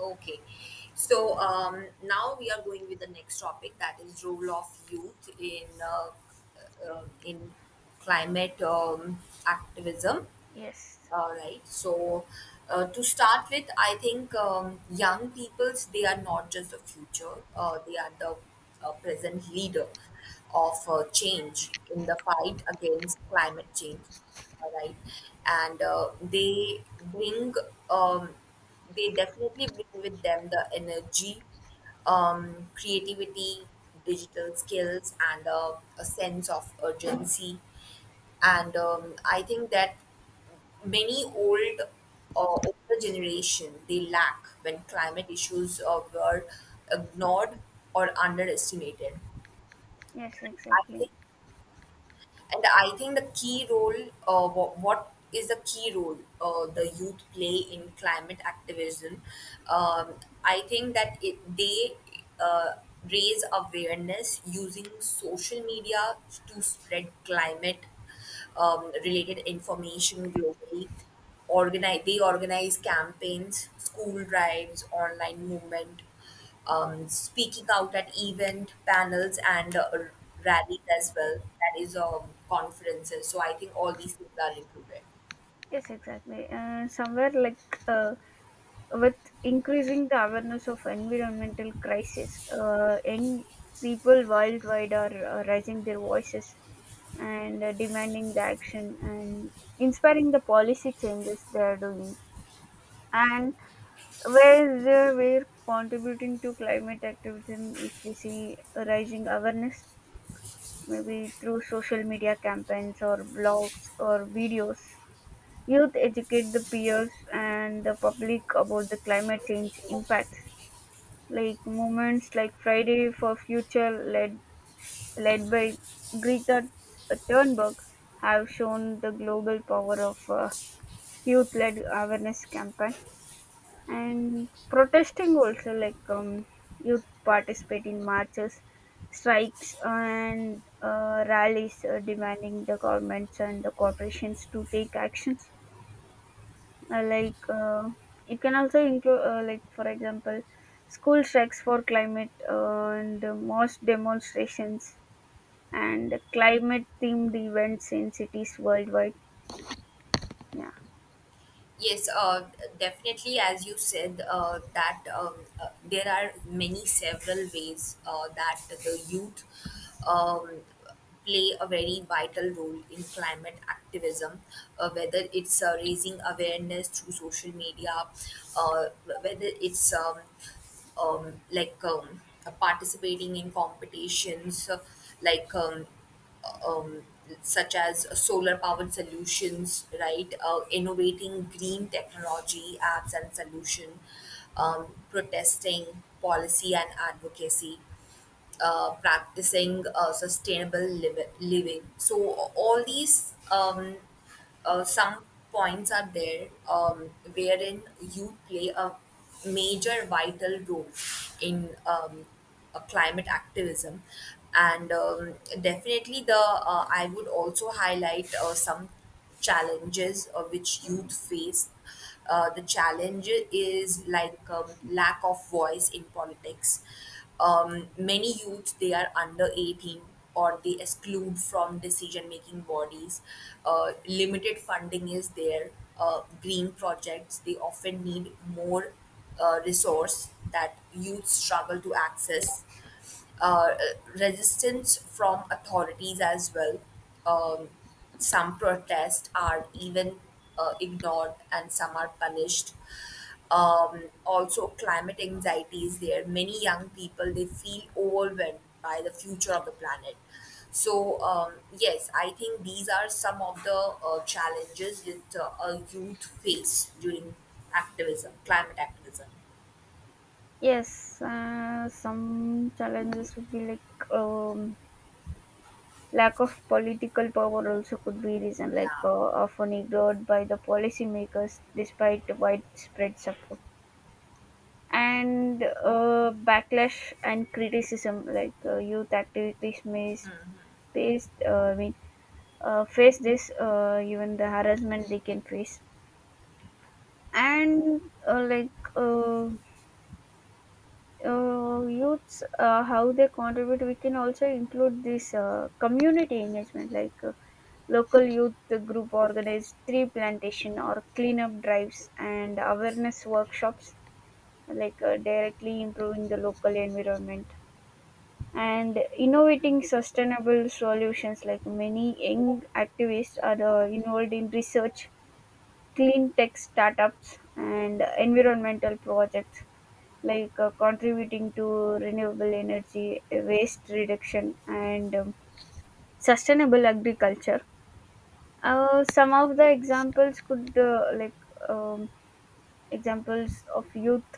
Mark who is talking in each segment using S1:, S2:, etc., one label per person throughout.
S1: Okay. So now we are going with the next topic, that is role of youth in in climate activism.
S2: Yes,
S1: All right. So to start with, I think young peoples, they are not just the future; they are the present leader of change in the fight against climate change. All right, and they bring um, they definitely bring with them the energy, creativity, digital skills, and a sense of urgency, and I think that many older generation they lack, when climate issues were ignored or underestimated.
S2: yes,
S1: i
S2: exactly.
S1: think and I think the key role, what is the key role the youth play in climate activism? Um, I think that they uh, raise awareness using social media to spread climate related information globally. They organize campaigns, school drives, online movement, speaking out at event panels and rallies as well. That is, conferences. So I think all these things are included.
S2: Yes, exactly. And somewhere like uh, with increasing the awareness of environmental crisis, young people worldwide are raising their voices and demanding the action and inspiring the policy changes they are doing. And where they were contributing to climate activism, if we see a rising awareness maybe through social media campaigns or blogs or videos. Youth educate the peers and the public about the climate change impacts. Like movements like Friday for Future, led by Greta Thunberg, have shown the global power of youth-led awareness campaign, and protesting also like youth participate in marches, strikes, and rallies, demanding the governments and the corporations to take actions, uh, like uh, it can also include, like for example, school strikes for climate, and mass demonstrations and climate themed events in cities worldwide. Yeah.
S1: Yes, definitely. As you said, that there are many several ways that the youth um, play a very vital role in climate activism, whether it's raising awareness through social media, uh, whether it's um, like um, participating in competitions, like um, um, such as solar powered solutions, right? Innovating green technology apps and solution, protesting policy and advocacy, practicing sustainable living, so all these, some points are there wherein you play a major vital role in climate activism. And Definitely the I would also highlight some challenges which youth face. The challenge is like, lack of voice in politics. Many youths, they are under 18 or they exclude from decision making bodies. Limited funding is there. Green projects, they often need more resource that youth struggle to access, uh, resistance from authorities as well. Um, some protests are even ignored, and some are punished. Also, climate anxiety is there. Many young people, they feel overwhelmed by the future of the planet. So yes, I think these are some of the challenges that a youth face during activism, climate activism.
S2: Yes, some challenges would be like lack of political power, also could be reason, like,
S1: Yeah.
S2: often ignored by the policymakers despite widespread support. And backlash and criticism, like, youth activities may face, face this, even the harassment they can face. And uh, like uh, youths, how they contribute, we can also include this, community engagement, like, local youth group organize tree plantation or cleanup drives and awareness workshops, like, directly improving the local environment, and innovating sustainable solutions, like many young activists are involved in research, clean tech startups, and environmental projects, like, contributing to renewable energy, waste reduction, and sustainable agriculture. Some of the examples could, um, examples of youth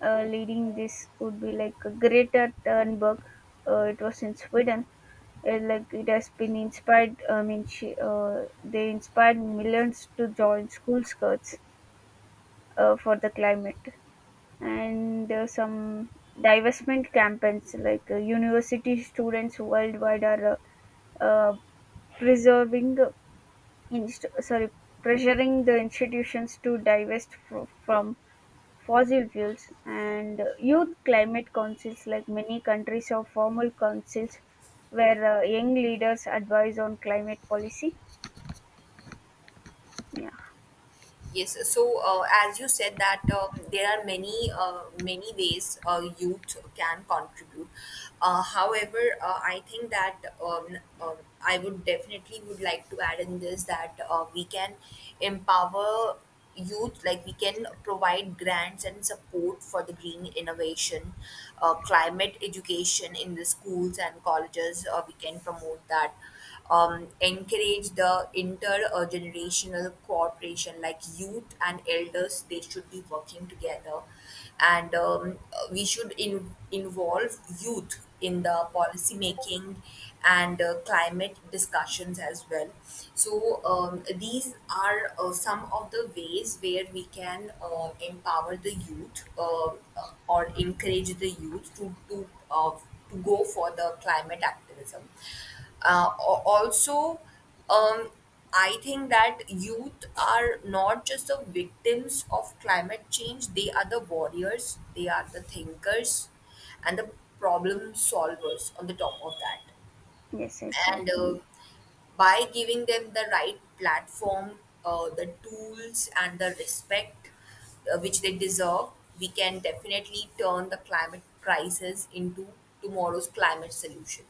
S2: leading this would be like Greta Thunberg. It was in Sweden. Like it has been inspired. I mean, she they inspired millions to join school skirts for the climate. And some divestment campaigns, like, university students worldwide are uh, uh, preserving, sorry, pressuring the institutions to divest from fossil fuels. And youth climate councils, like many countries have formal councils where young leaders advise on climate policy. Yeah.
S1: Yes, so as you said that there are many ways youth can contribute. However, I think that um, um, I would definitely would like to add in this that we can empower youth. Like, we can provide grants and support for the green innovation, climate education in the schools and colleges. We can promote that, encourage the intergenerational cooperation, like youth and elders, they should be working together, and we should involve youth in the policy making and climate discussions as well. So these are some of the ways where we can empower the youth, or encourage the youth to go for the climate activism. Uh, al- also, um, I think that youth are not just the victims of climate change, they are the warriors, they are the thinkers, and the problem solvers on the top of that.
S2: Yes,
S1: And
S2: exactly.
S1: by giving them the right platform, the tools, and the respect which they deserve, we can definitely turn the climate crisis into tomorrow's climate solution.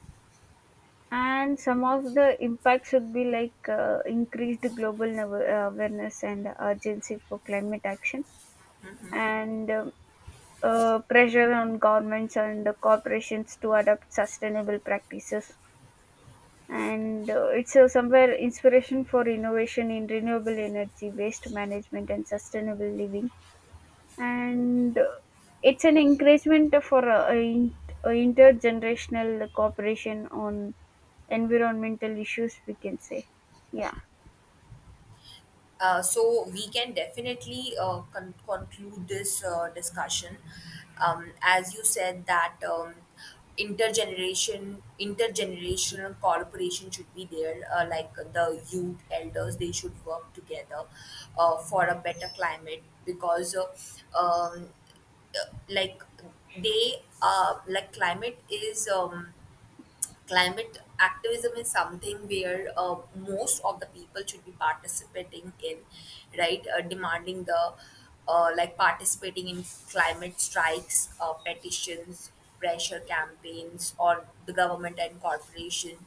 S2: And some of the impacts would be like, increased global awareness and urgency for climate action, and pressure on governments and corporations to adopt sustainable practices, and it's somewhere inspiration for innovation in renewable energy, waste management, and sustainable living. And it's an encouragement for intergenerational cooperation on environmental issues, we can say. Yeah.
S1: So we can definitely conclude this discussion. As you said that, intergenerational cooperation should be there, like the youth elders, they should work together for a better climate, because like they like climate is. Climate activism is something where most of the people should be participating in, right? Demanding the, like participating in climate strikes, petitions, pressure campaigns on the government and corporation,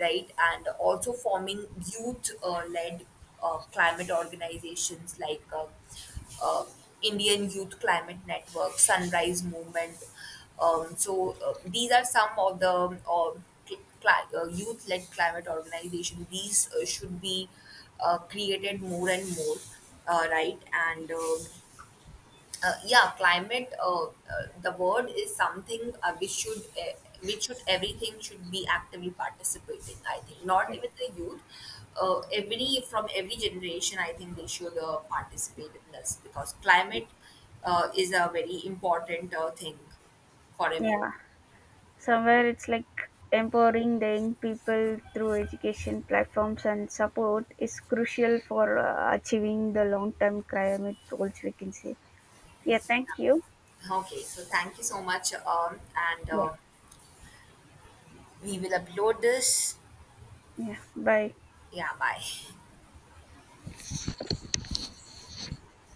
S1: right? And also forming youth-led climate organizations, like uh, Indian Youth Climate Network, Sunrise Movement. So these are some of the, youth-led climate organizations. These should be created more and more, right? And yeah, climate, the word is something we should, which should, everything should be actively participating, I think, not
S2: Yes.
S1: even the youth, every from every generation, I think they should participate in this, because climate is a very important thing for everyone.
S2: Yeah, somewhere it's like empowering the young people through education platforms and support is crucial for achieving the long term climate goals, we can say. Yeah, thank you.
S1: Okay, so thank you so much, and
S2: Yeah.
S1: we will upload this.
S2: Yeah, bye.
S1: Yeah, bye.